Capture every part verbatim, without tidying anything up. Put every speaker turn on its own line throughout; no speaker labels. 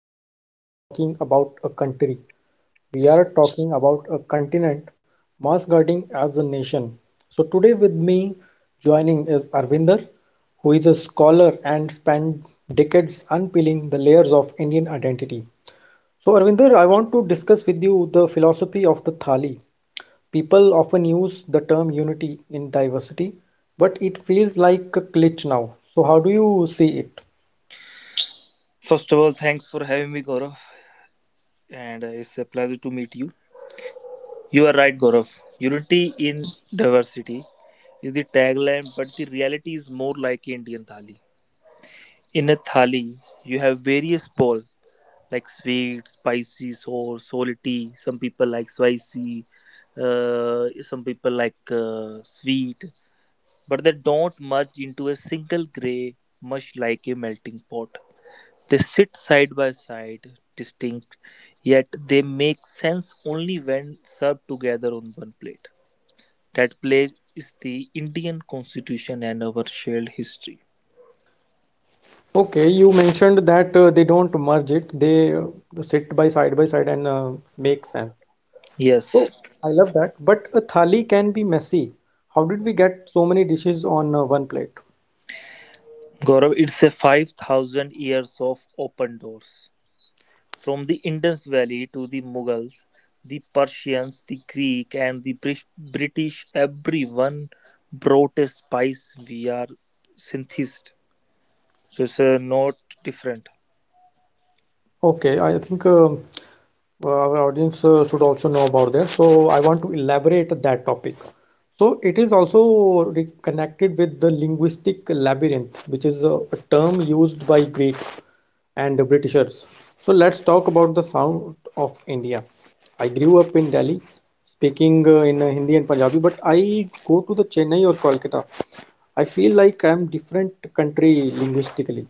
we aren't just talking about a country, we are talking about a continent masquerading as a nation. So, today with me joining is Arvinder, who is a scholar and spent decades unpeeling the layers of Indian identity. So, Arvinder, I want to discuss with you the philosophy of the Thali. People often use the term unity in diversity, but it feels like a glitch now. So, how do you see it?
First of all, thanks for having me, Gaurav, and uh, it's a pleasure to meet you. You are right, Gaurav. Unity in diversity is the tagline, but the reality is more like Indian thali. In a thali, you have various balls like sweet, spicy, sour, salty. Some people like spicy, uh, some people like uh, sweet. But they don't merge into a single gray, much like a melting pot. They sit side by side, distinct, yet they make sense only when served together on one plate. That plate is the Indian constitution and our shared history.
Okay, you mentioned that uh, they don't merge it, they uh, sit by side by side and uh, make sense. So,
Yes,
I love that. But a thali can be messy. How did we get so many dishes on uh, one plate?
Gaurav, it's a five thousand years of open doors. From the Indus Valley to the Mughals, the Persians, the Greek and the Bris- British, everyone brought a spice. We are synthesized. So it's uh, not different.
Okay, I think um, our audience uh, should also know about that. So I want to elaborate that topic. So it is also re- connected with the linguistic labyrinth, which is a, a term used by Greek and the Britishers. So let's talk about the sound of India. I grew up in Delhi, speaking uh, in uh, Hindi and Punjabi, but I go to the Chennai or Kolkata. I feel like I'm different country linguistically.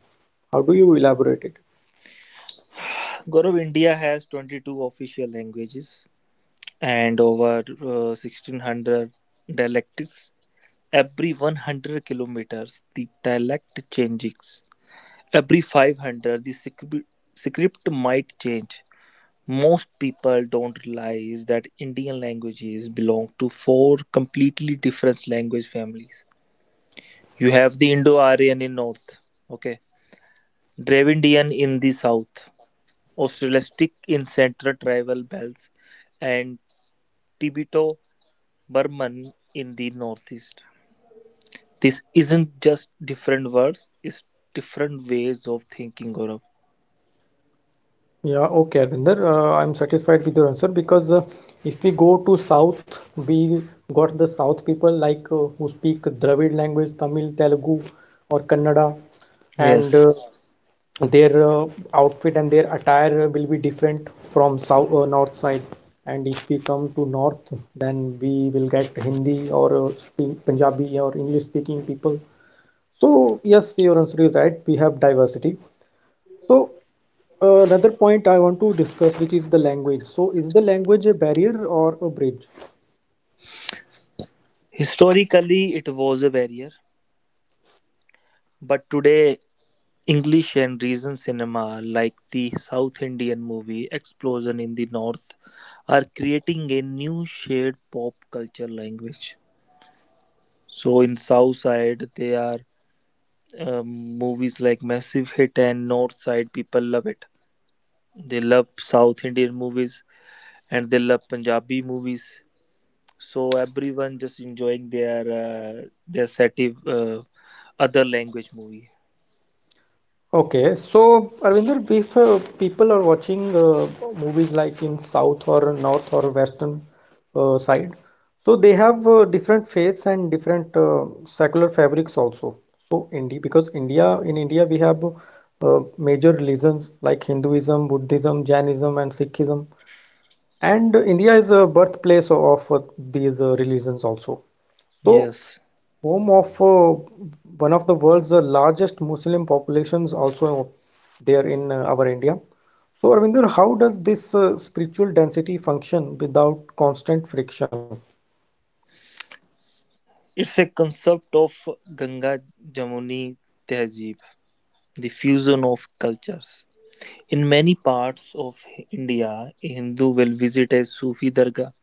How do you elaborate it?
Gaurav, India has twenty-two official languages and over uh, sixteen hundred dialects. Every one hundred kilometers, the dialect changes. Every five hundred, the script, script might change. Most people don't realize that Indian languages belong to four completely different language families. You have the Indo-Aryan in north, okay, Dravidian in the south, Australistic in central tribal belts, and Tibeto-Burman in the northeast. This isn't just different words; it's different ways of thinking, Gaurav.
Yeah, okay, Arvinder. Uh, I'm satisfied with your answer because uh, if we go to South, we got the South people like uh, who speak Dravid language, Tamil, Telugu, or Kannada, and
Yes,
uh, their uh, outfit and their attire will be different from South uh, North side. And if we come to North, then we will get Hindi or uh, speak Punjabi or English speaking people. So yes, your answer is right. We have diversity. So another point I want to discuss, which is the language. So, is the language a barrier or a bridge?
historically it was a barrier, but today English and region cinema, like the South Indian movie Explosion in the North, are creating a new shared pop culture language. So in South Side, they are um, movies like Massive Hit and North Side. People love it. They love South Indian movies and they love Punjabi movies. So everyone just enjoying their uh, their native uh, other language movie.
Okay, so Arvinder, if uh, people are watching uh, movies like in South or North or Western uh, side, so they have uh, different faiths and different uh, secular fabrics also. So India, because India, in India we have uh, major religions like Hinduism, Buddhism, Jainism, and Sikhism. And India is a birthplace of uh, these uh, religions also. So,
Yes.
home of uh, one of the world's uh, largest Muslim populations also there in uh, our India. So, Arvinder, how does this uh, spiritual density function without constant friction?
It's a concept of Ganga Jamuni Tehzeeb, the fusion of cultures. In many parts of India, a Hindu will visit a Sufi dargah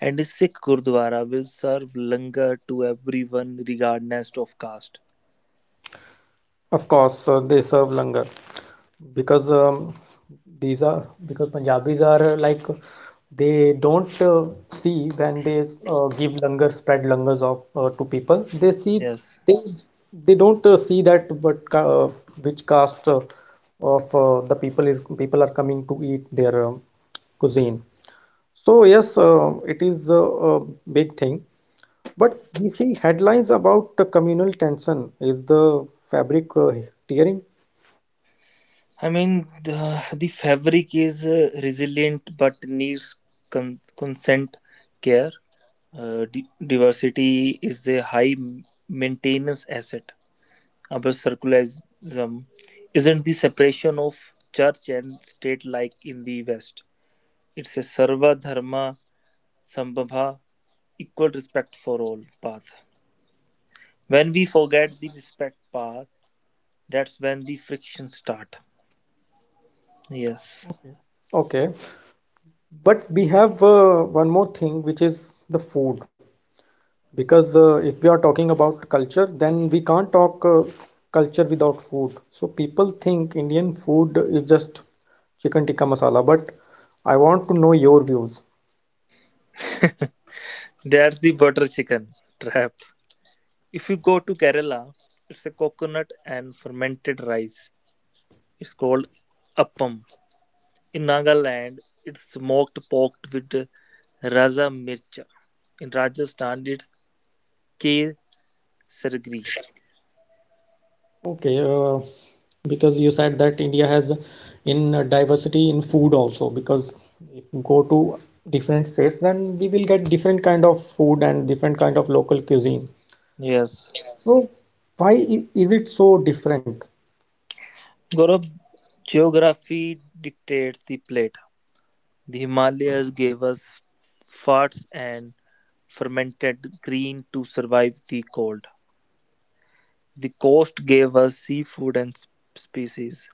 and a Sikh Gurdwara will serve langar to everyone regardless of caste.
Of course, uh, they serve langar. Because um, these are because Punjabis are uh, like they don't uh, see when they uh, give langar, spread langars of uh, to people they see
Yes.
they they don't uh, see that what ca uh, which caste uh, of uh, the people is people are coming to eat their uh, cuisine. So yes, uh, it is a, a big thing, but we see headlines about the communal tension. Is the fabric uh, tearing?
I mean, the, the fabric is uh, resilient but needs con- consent care. Uh, di- diversity is a high maintenance asset. About secularism isn't the separation of church and state like in the West. It's a Sarva Dharma Sambhava, equal respect for all path. When we forget the respect path, that's when the friction start. Yes,
Okay Okay. But we have uh, one more thing, which is the food. Because uh, if we are talking about culture, then we can't talk uh, culture without food. So people think Indian food is just chicken tikka masala. But I want to know your views.
that's the butter chicken trap. If you go to Kerala, it's a coconut and fermented rice. It's called appam. In Nagaland, it's smoked pork with Raja Mircha. In Rajasthan, it's Kher Sargri.
Okay, uh, because you said that India has in diversity in food also. Because if you go to different states, then we will get different kind of food and different kind of local cuisine.
Yes.
So why is it so different?
Gaurav, geography dictates the plate. The Himalayas gave us fats and fermented green to survive the cold. The coast gave us seafood and sp- species.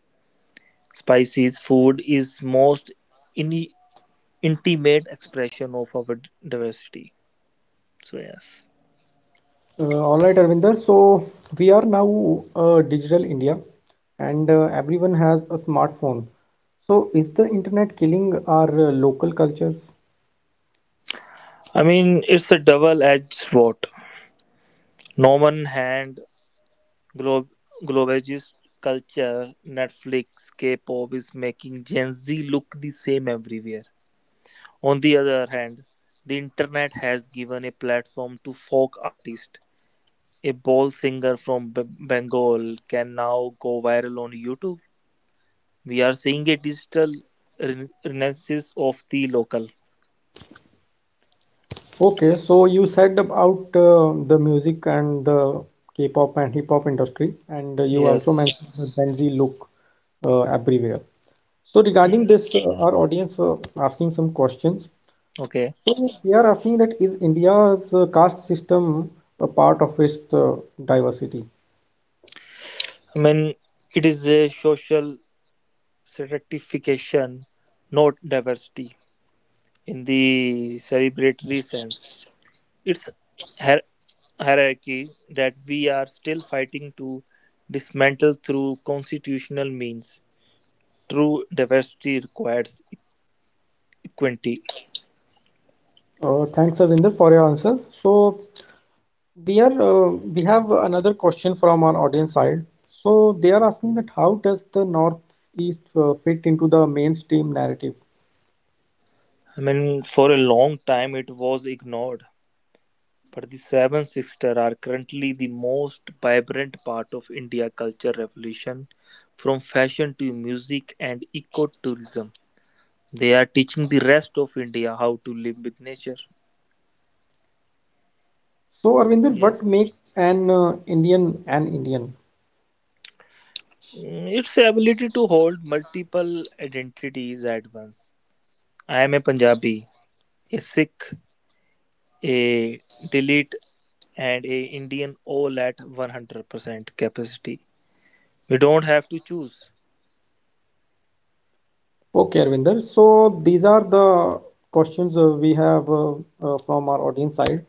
Spices food is most in- intimate expression of our d- diversity. So yes.
Uh, all right, Arvinder. So we are now uh, digital India, and uh, everyone has a smartphone. So is the internet killing our uh, local cultures?
I mean, it's a double-edged sword. No one hand Glo- globalist culture, Netflix, K-pop is making Gen Z look the same everywhere. On the other hand, the internet has given a platform to folk artists. A ball singer from B- Bengal can now go viral on YouTube. We are seeing a digital re- renaissance of the local.
Okay, so you said about uh, the music and the K-pop and hip hop industry, and uh, you also
Yes.
mentioned the Yes. Gen Z look uh, everywhere. So regarding
Yes.
this, uh, Yes. Our audience uh, asking some questions.
Okay.
So we are asking that is India's uh, caste system a part of its uh, diversity?
I mean, it is a social stratification, not diversity, in the celebratory sense. It's hier- hierarchy that we are still fighting to dismantle through constitutional means. True diversity requires equity.
Uh, thanks, Arvinder, for your answer. So we are uh, we have another question from our audience side. So they are asking that how does the Northeast uh, fit into the mainstream narrative?
I mean, for a long time it was ignored, but the Seven Sisters are currently the most vibrant part of India culture revolution, from fashion to music and ecotourism. They are teaching the rest of India how to live with nature.
So Arvinder,
Yes.
what makes an uh, Indian an Indian?
Mm, It's the ability to hold multiple identities at once. I am a Punjabi, a Sikh, a Delete, and a Indian all at one hundred percent capacity. We don't have to choose.
Okay, Arvinder. So these are the questions uh, we have uh, uh, from our audience side.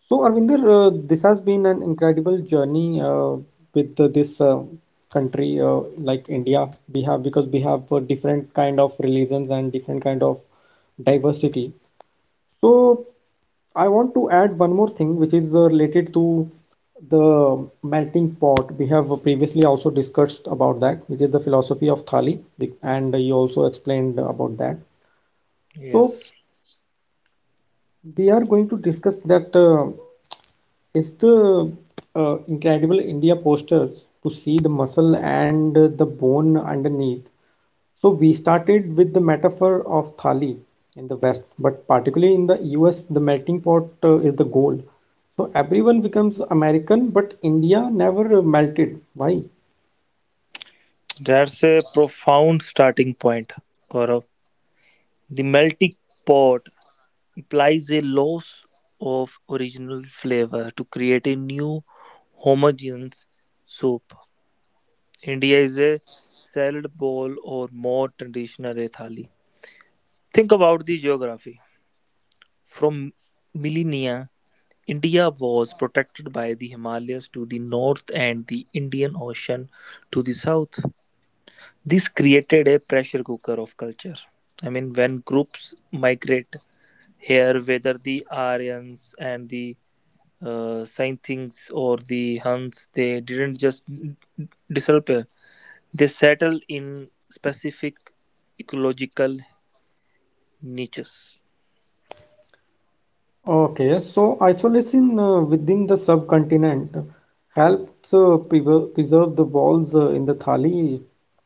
So, Arvinder, uh, this has been an incredible journey uh, with uh, this uh, country uh, like India. We have, because we have uh, different kind of religions and different kind of diversity. So I want to add one more thing which is uh, related to the melting pot. We have previously also discussed about that, which is the philosophy of Thali, and you also explained about that. So
Yes,
we are going to discuss that uh, is the uh, Incredible India posters to see the muscle and the bone underneath. So we started with the metaphor of thali in the West, but particularly in the U S, the melting pot uh, is the goal. So everyone becomes American, but India never uh, melted. Why?
that's a profound starting point, Gaurav. The melting pot implies a loss of original flavor to create a new homogeneous soup. India is a salad bowl or more traditional a thali. Think about the geography. From millennia, India was protected by the Himalayas to the north and the Indian Ocean to the south. This created a pressure cooker of culture. I mean, when groups migrate here, whether the Aryans and the uh, Scythians or the Huns, they didn't just disappear. They settle in specific ecological niches.
Okay, so isolation uh, within the subcontinent helps uh, prever- preserve the walls uh, in the thali.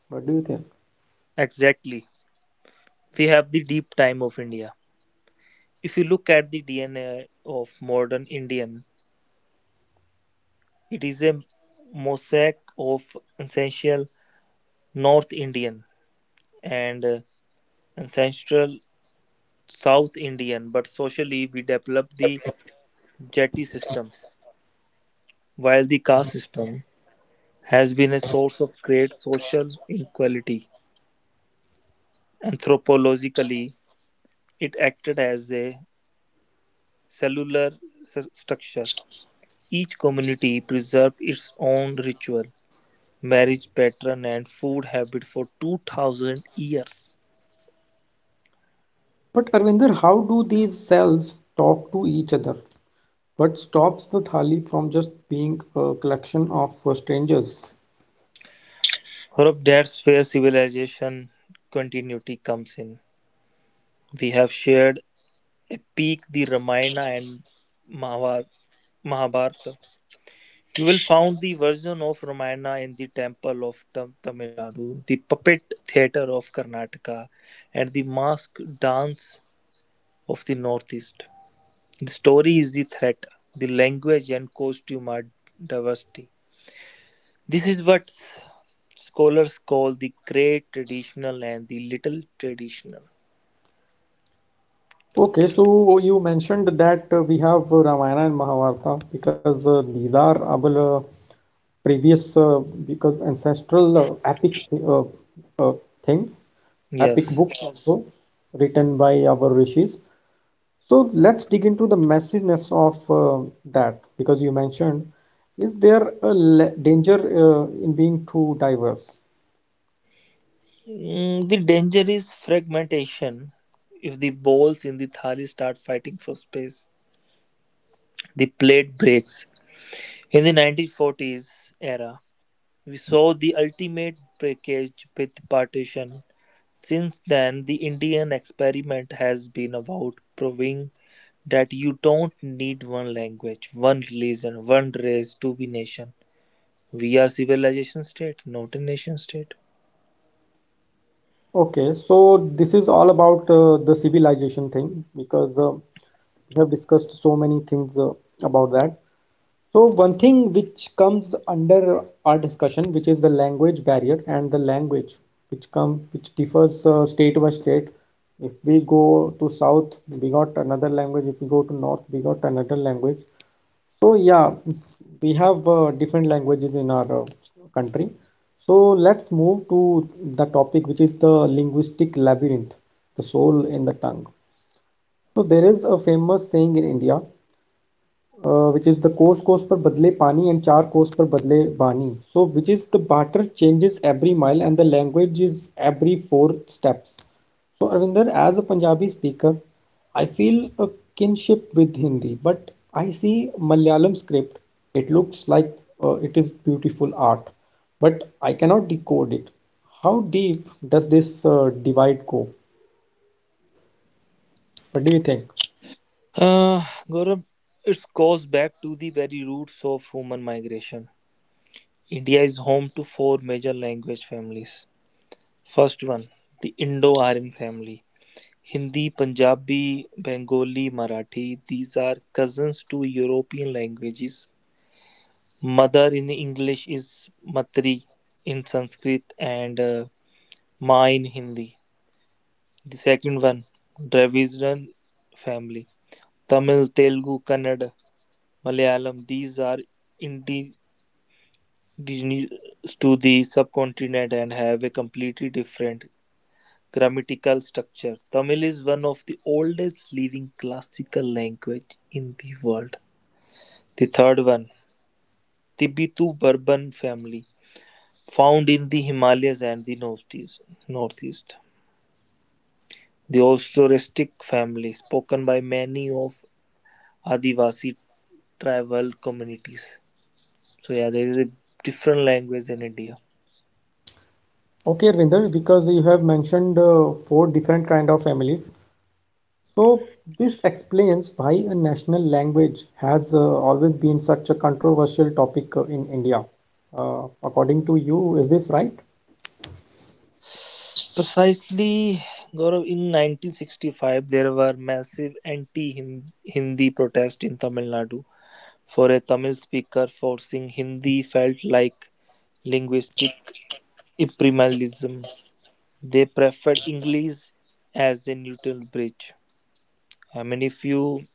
What do you think?
Exactly. We have the deep time of India. If you look at the D N A of modern Indian, it is a mosaic of essential North Indian and uh, ancestral South Indian, but socially we developed the jati system, while the caste system has been a source of great social inequality. Anthropologically, it acted as a cellular s- structure. Each community preserved its own ritual, marriage pattern, and food habit for two thousand years.
But Arvinder, how do these cells talk to each other? What stops the Thali from just being a collection of uh, strangers?
Hope that's where civilization continuity comes in. We have shared a peak, the Ramayana and Mahabharata. Mahabharata. You will find the version of Ramayana in the temple of Tam- Tamil Nadu, the puppet theatre of Karnataka, and the mask dance of the Northeast. The story is the threat. The language and costume are diversity. This is what s- scholars call the great traditional and the little traditional.
Okay, so you mentioned that uh, we have uh, Ramayana and Mahabharata, because uh, these are our uh, previous, uh, because ancestral uh, epic uh, uh, things, epic
Yes.
books also written by our rishis. So let's dig into the messiness of uh, that, because you mentioned, is there a danger uh, in being too diverse?
Mm, the danger is fragmentation. If the balls in the thali start fighting for space, the plate breaks. In the nineteen forties era, we saw the ultimate breakage with partition. Since then, the Indian experiment has been about proving that you don't need one language, one religion, one race to be nation. We are civilization state, not a nation state.
Okay, so this is all about uh, the civilization thing, because uh, we have discussed so many things uh, about that. So one thing which comes under our discussion, which is the language barrier and the language which come which differs uh, state by state. If we go to south, we got another language. If we go to north, we got another language. So yeah, we have uh, different languages in our uh, country. So let's move to the topic which is the linguistic labyrinth, the soul in the tongue. So there is a famous saying in India, uh, which is the coarse course per badle pani and char course per badle bani, so which is the barter changes every mile and the language is every four steps. So Arvinder, as a Punjabi speaker, I feel a kinship with Hindi, but I see Malayalam script. It looks like, uh, it is beautiful art, but I cannot decode it. How deep does this uh, divide go? What do you think?
Uh, Gaurav, it goes back to the very roots of human migration. India is home to four major language families. First one, the Indo-Aryan family. Hindi, Punjabi, Bengali, Marathi, these are cousins to European languages. Mother in English is Matri in Sanskrit and uh, Ma in Hindi. The second one, Dravidian family. Tamil, Telugu, Kannada, Malayalam, these are indigenous to the subcontinent and have a completely different grammatical structure. Tamil is one of the oldest living classical language in the world. The third one, Tibeto Burban family. Found in the Himalayas and the northeast. northeast. The Austroristic family, spoken by many of Adivasi tribal communities. So yeah, there is a different language in India.
Okay, Arvinder, because you have mentioned uh, four different kind of families. So this explains why a national language has uh, always been such a controversial topic uh, in India. Uh, according to you, is this right?
Precisely, Gaurav, in nineteen sixty-five, there were massive anti-Hindi protests in Tamil Nadu. For a Tamil speaker, forcing Hindi felt like linguistic imperialism. They preferred English as a neutral bridge. I mean, if you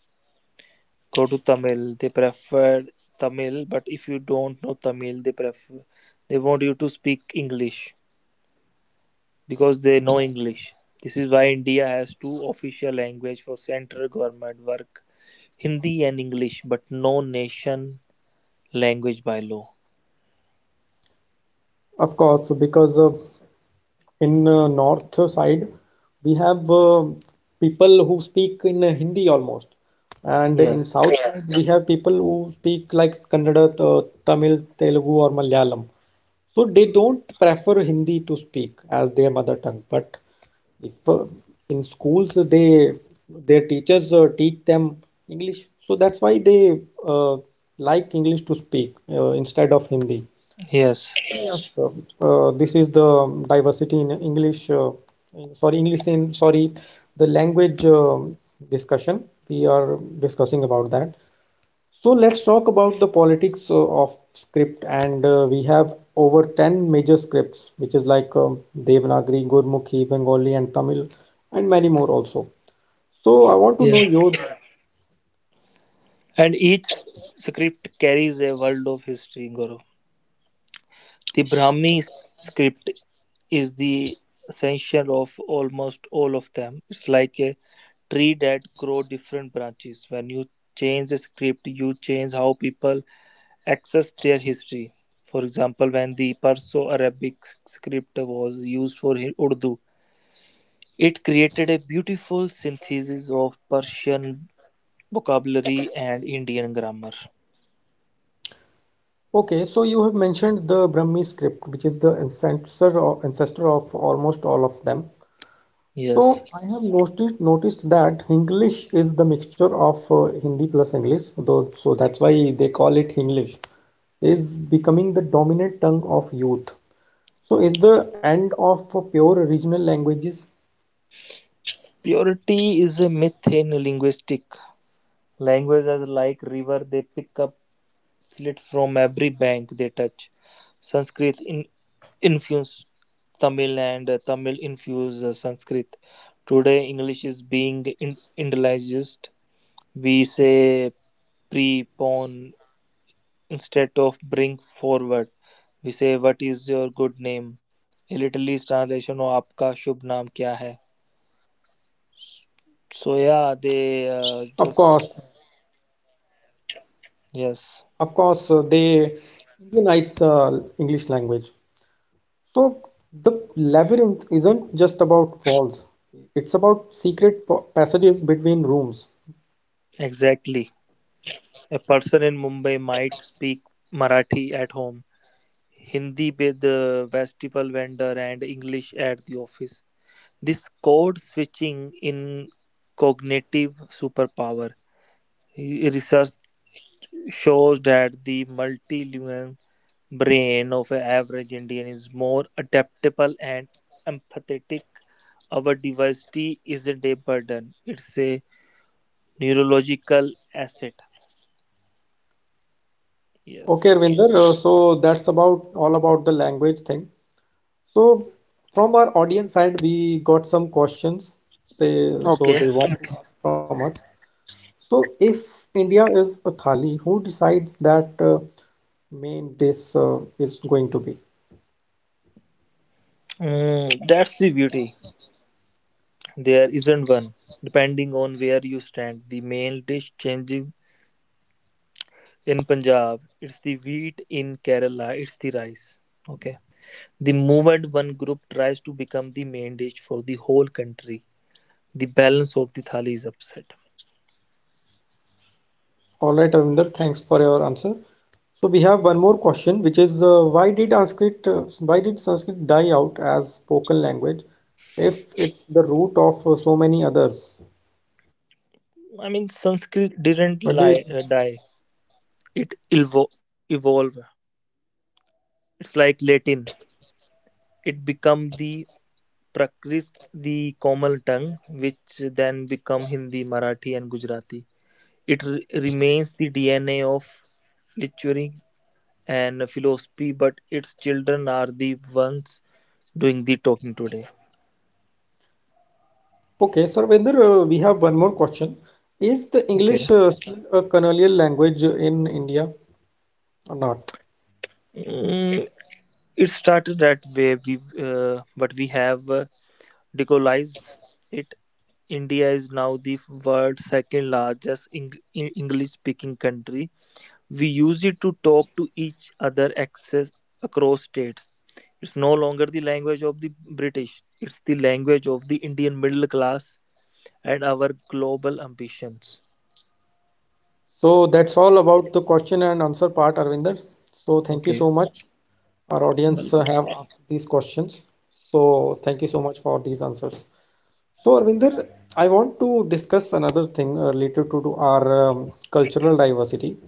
go to Tamil, they prefer Tamil, but if you don't know Tamil, they prefer they want you to speak English because they know English. This is why India has two official language for central government work, Hindi and English, but no nation language by law.
Of course, because uh, in uh, north side we have uh, people who speak in uh, Hindi almost, and in
Yes.
south Yeah. side we have people who speak like Kannada, uh, Tamil, Telugu, or Malayalam. So they don't prefer Hindi to speak as their mother tongue, but if uh, in schools uh, they their teachers uh, teach them English, so that's why they uh, like English to speak uh, instead of Hindi.
Yes.
Yes. So, uh, this is the diversity in English. Uh, in- sorry, English in sorry, the language um discussion. We are discussing about that. So let's talk about the politics uh, of script, and uh, we have over ten major scripts, which is like um, Devanagari, Gurmukhi, Bengali, and Tamil, and many more also. So I want to know
Yeah.
your.
And each script carries a world of history, Gaurav. The Brahmi script is the essential of almost all of them. It's like a tree that grow different branches. When you change the script, you change how people access their history. For example, when the Perso-Arabic script was used for Urdu, it created a beautiful synthesis of Persian vocabulary and Indian grammar.
Okay, so you have mentioned the Brahmi script, which is the ancestor or ancestor of almost all of them.
Yes.
So I have noticed noticed that Hinglish is the mixture of uh, Hindi plus English, though, so that's why they call it Hinglish, is becoming the dominant tongue of youth. So is the end of uh, pure regional languages?
Purity is a myth in linguistic. Languages is like river, they pick up slit from every bank they touch. Sanskrit in, infused Tamil and uh, Tamil infused uh, Sanskrit. Today, English is being in, Indianized. We say prepon instead of bring forward. We say what is your good name. A little is translation of आपका शुभ नाम क्या है. So yeah, they uh,
Of
just
course,
yes,
of course, uh, they unites the English language. So the labyrinth isn't just about walls; it's about secret pa- passages between rooms.
exactly. A person in Mumbai might speak Marathi at home, Hindi with the vegetable vendor, and English at the office. This code switching in cognitive superpower. Research shows that the multilingual brain of an average Indian is more adaptable and empathetic. Our diversity isn't a burden; it's a neurological asset.
Okay,
Yes.
Ravinder, uh, so that's about all about the language thing. So from our audience side, we got some questions. Say, so
Okay.
they want to ask from us. So if India is a thali, who decides that uh, main dish uh, is going to be?
Mm, that's the beauty. There isn't one. Depending on where you stand, the main dish changes in Punjab. It's the wheat in Kerala. It's the rice. Okay. The moment one group tries to become the main dish for the whole country, the balance of the thali is upset.
All right, Ravinder, thanks for your answer. So we have one more question, which is uh, why did Sanskrit uh, why did Sanskrit die out as spoken language, if it's the root of uh, so many others?
I mean, Sanskrit
What
didn't
do you think?
lie, uh, die. It evo- evolved. It's like Latin. It become the Prakrit, the common tongue, which then become Hindi, Marathi, and Gujarati. It re- remains the D N A of lecturing and philosophy, but its children are the ones doing the talking today.
Okay, sir, Vinder, uh, we have one more question. Is the English
Okay.
uh, still a colonial language in India or not?
Mm, it started that way, we, uh, but we have uh, decolonized it. India is now the world's second largest Eng- English speaking country. We use it to talk to each other access across states. It's no longer the language of the British, it's the language of the Indian middle class at our global ambitions.
So that's all about the question and answer part, Arvinder. So thank you
Okay,
so much. Our audience uh,
welcome.
have asked these questions. So thank you so much for these answers. So Arvinder, I want to discuss another thing uh, related to, to our um, cultural diversity,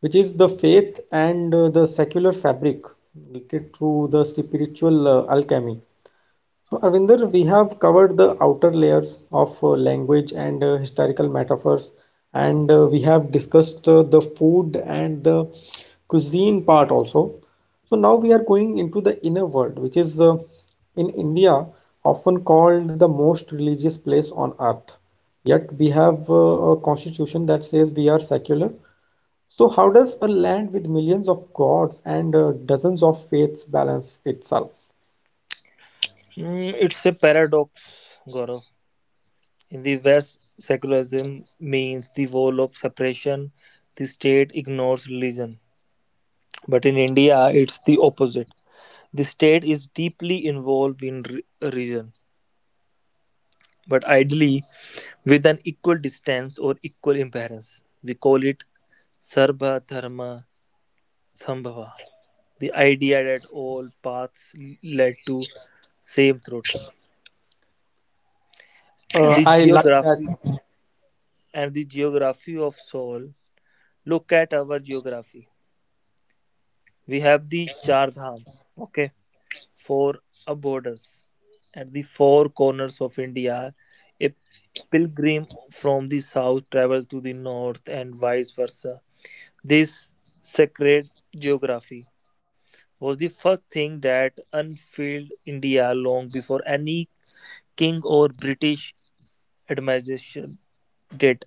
which is the faith and uh, the secular fabric related to the spiritual uh, alchemy. So, Arvinder, we have covered the outer layers of uh, language and uh, historical metaphors, and uh, we have discussed uh, the food and the cuisine part also. So, now we are going into the inner world, which is uh, in India often called the most religious place on earth. Yet, we have uh, a constitution that says we are secular. So, how does a land with millions of gods and uh, dozens of faiths balance itself?
Mm, it's a paradox, Gaurav. In the West, secularism means the wall of separation, the state ignores religion. But in India, it's the opposite. The state is deeply involved in re- religion, but ideally with an equal distance or equal imbalance. We call it Sarva Dharma Sambhava. The idea that all paths lead to same truth. and
Uh,
the
I like
geography
that.
and the geography of Seoul. Look at our geography. We have the Char Dham, okay, four uh, borders at the four corners of India. A pilgrim from the south travels to the north and vice versa. This sacred geography was the first thing that unfurled India long before any king or British administration did.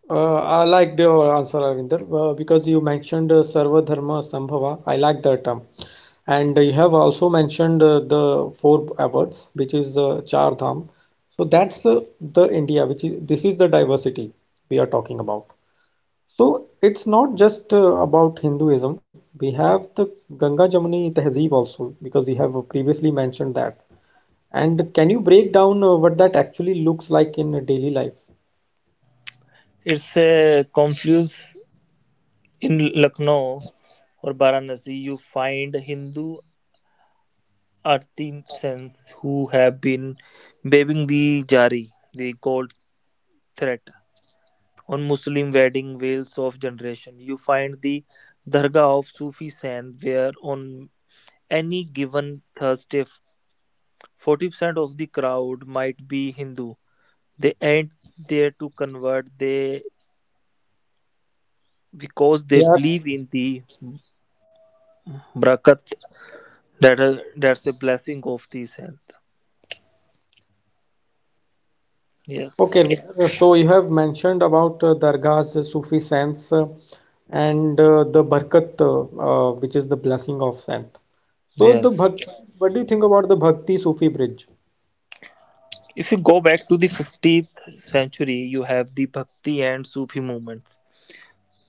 Uh, I liked your answer, Arvinder, uh, because you mentioned uh, Sarva Dharma Sambhava. I like that term. And you have also mentioned uh, the four awards, which is uh, Char Dham. So that's uh, the India, which is this is the diversity we are talking about. So it's not just uh, about Hinduism. We have the Ganga Jamuni Tehzeeb also, because you have previously mentioned that. And can you break down uh, what that actually looks like in daily life?
It's a confluence. In Lucknow or Varanasi, you find Hindu artisans who have been weaving the jari, the gold thread. On Muslim wedding veils of generation, you find the dargah of Sufi saint, where on any given Thursday, forty percent of the crowd might be Hindu. They ain't there to convert. They because they
They are.
believe in the brakat that that's a blessing of the saint. Yes.
Okay, Rukmini, so you have mentioned about uh, dargahs, uh, Sufi saints, uh, and uh, the barkat, uh, uh, which is the blessing of saint. So the
Yes.
bhakti, what do you think about the bhakti Sufi bridge?
If you go back to the fifteenth century, you have the Bhakti and Sufi movements.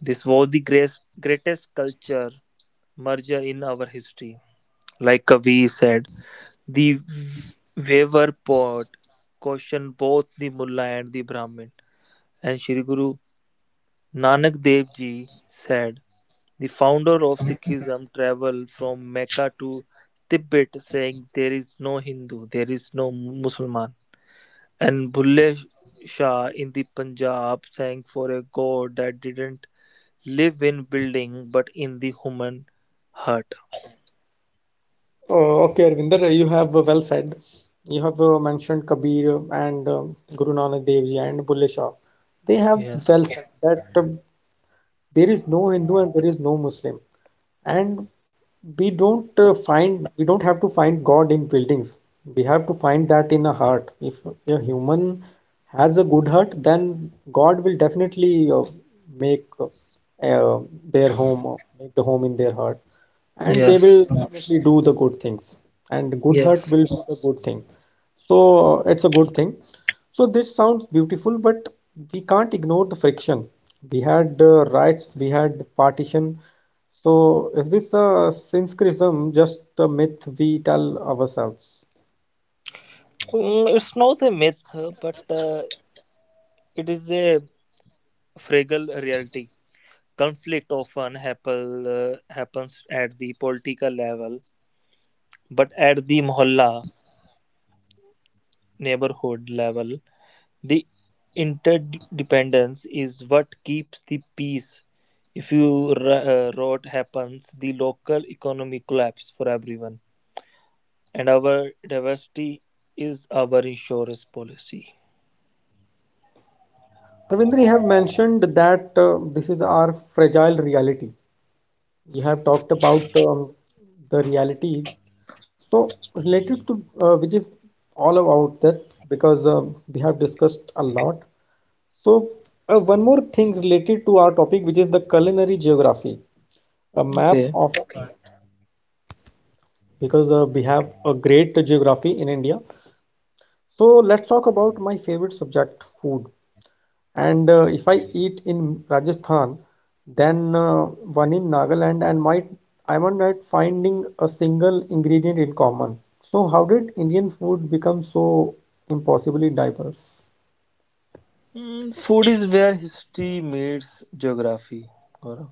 This was the greatest, greatest culture merger in our history. Like Kavi said, the v- waver pot questioned both the mullah and the Brahmin. And Shri Guru Nanak Dev Ji said, the founder of Sikhism traveled from Mecca to Tibet saying, "There is no Hindu, there is no Muslim." And Bulle Shah in the Punjab sang for a god that didn't live in building but in the human heart.
Uh, okay, Arvinder, you have uh, well said. You have uh, mentioned Kabir and uh, Guru Nanak Dev Ji and Bulle Shah. They have well
Yes,
said that uh, there is no Hindu and there is no Muslim. And we don't uh, find, we don't have to find God in buildings. We have to find that in a heart. If a human has a good heart, then God will definitely uh, make uh, their home, uh, make the home in their heart. And they will
yes,
definitely do the good things. And good heart
yes.
will do the good thing. So it's a good thing. So this sounds beautiful, but we can't ignore the friction. We had uh, riots, we had partition. So is this the Sanskritism just a myth we tell ourselves?
Mm, it's not a myth, but uh, it is a fragile reality. Conflict often happen, uh, happens at the political level, but at the mohalla neighborhood level, the interdependence is what keeps the peace. If you r- uh, rot happens, the local economy collapse for everyone, and our diversity is our insurance policy.
Ravindra, you have mentioned that uh, this is our fragile reality. You have talked about um, the reality. So related to uh, which is all about that because um, we have discussed a lot. So, uh, one more thing related to our topic, which is the culinary geography, a map
Okay.
of. Okay, because uh, we have a great geography in India. So, let's talk about my favorite subject, food. And uh, if I eat in Rajasthan, then uh, one in Nagaland, and might I might not finding a single ingredient in common. So, how did Indian food become so impossibly diverse?
Mm, food is where history meets geography, Gaurav.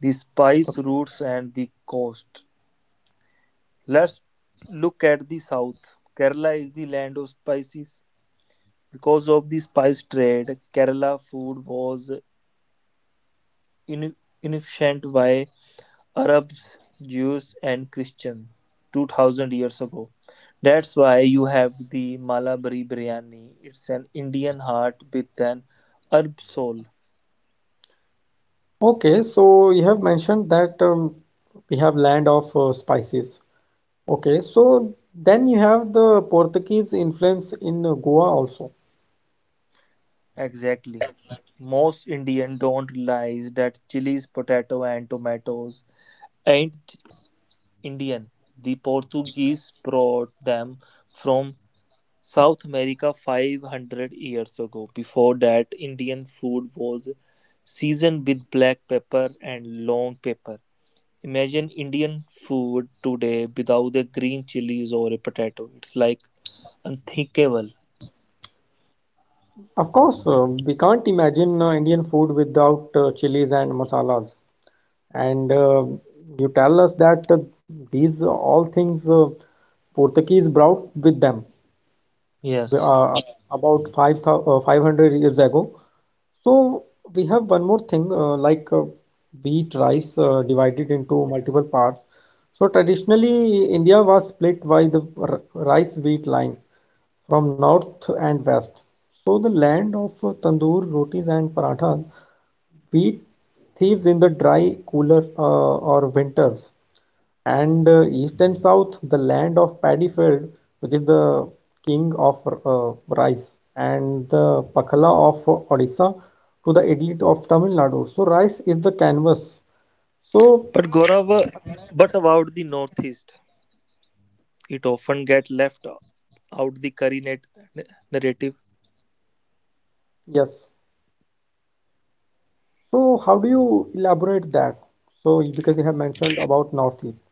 The spice roots and the coast. Let's look at the south. Kerala is the land of spices. Because of the spice trade, Kerala food was innocent by Arabs, Jews, and Christians two thousand years ago. That's why you have the Malabari biryani. It's an Indian heart with an Arab soul.
Okay, so you have mentioned that um, we have land of uh, spices. Okay, so then you have the Portuguese influence in uh, Goa also.
Exactly. Most Indian don't realize that chilies, potato, and tomatoes ain't Indian. The Portuguese brought them from South America five hundred years ago. Before that, Indian food was seasoned with black pepper and long pepper. Imagine Indian food today without the green chilies or a potato. It's like unthinkable.
Of course, uh, we can't imagine uh, Indian food without uh, chilies and masalas. And uh, you tell us that uh, these all things uh, Portuguese brought with them
Yes.
uh, about five thou- uh, five hundred years ago. So we have one more thing uh, like uh, wheat, rice uh, divided into multiple parts. So traditionally, India was split by the r- rice wheat line from north and west. So the land of uh, tandoor, rotis, and parathas, wheat thieves in the dry, cooler uh, or winters and uh, east and south the land of paddy field which is the king of uh, rice and the pakhala of Odisha to the idli of Tamil Nadu. So rice is the canvas. So
But Gaurav, uh, but about the Northeast, it often get left out the curry net- narrative.
yes, so how do you elaborate that? So because you have mentioned about northeast.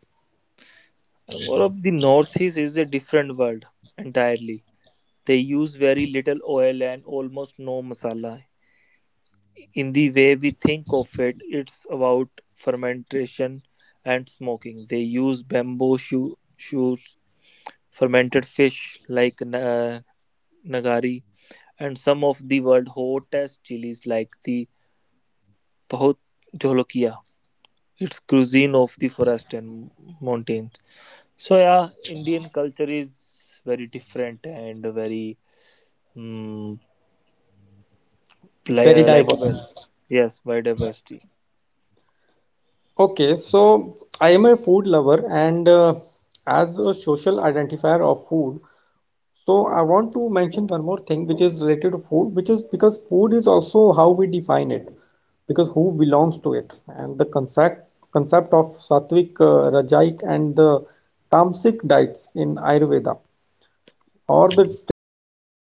Gaurav, the Northeast is a different world entirely. They use very little oil and almost no masala. In the way we think of it, it's about fermentation and smoking. They use bamboo shoo- shoots, fermented fish like na- nagari, and some of the world's hottest chilies like the Pahot Jolokia. It's cuisine of the forest and mountains. So yeah, Indian culture is very different and very um, Li-
Very
uh, like well
diverse.
yes biodiversity
Okay, so I am a food lover, and uh, as a social identifier of food, so I want to mention one more thing which is related to food, which is because food is also how we define it, because who belongs to it, and the concept concept of sattvic, uh, rajaic, and the tamasic diets in Ayurveda, or the strict vegetarianism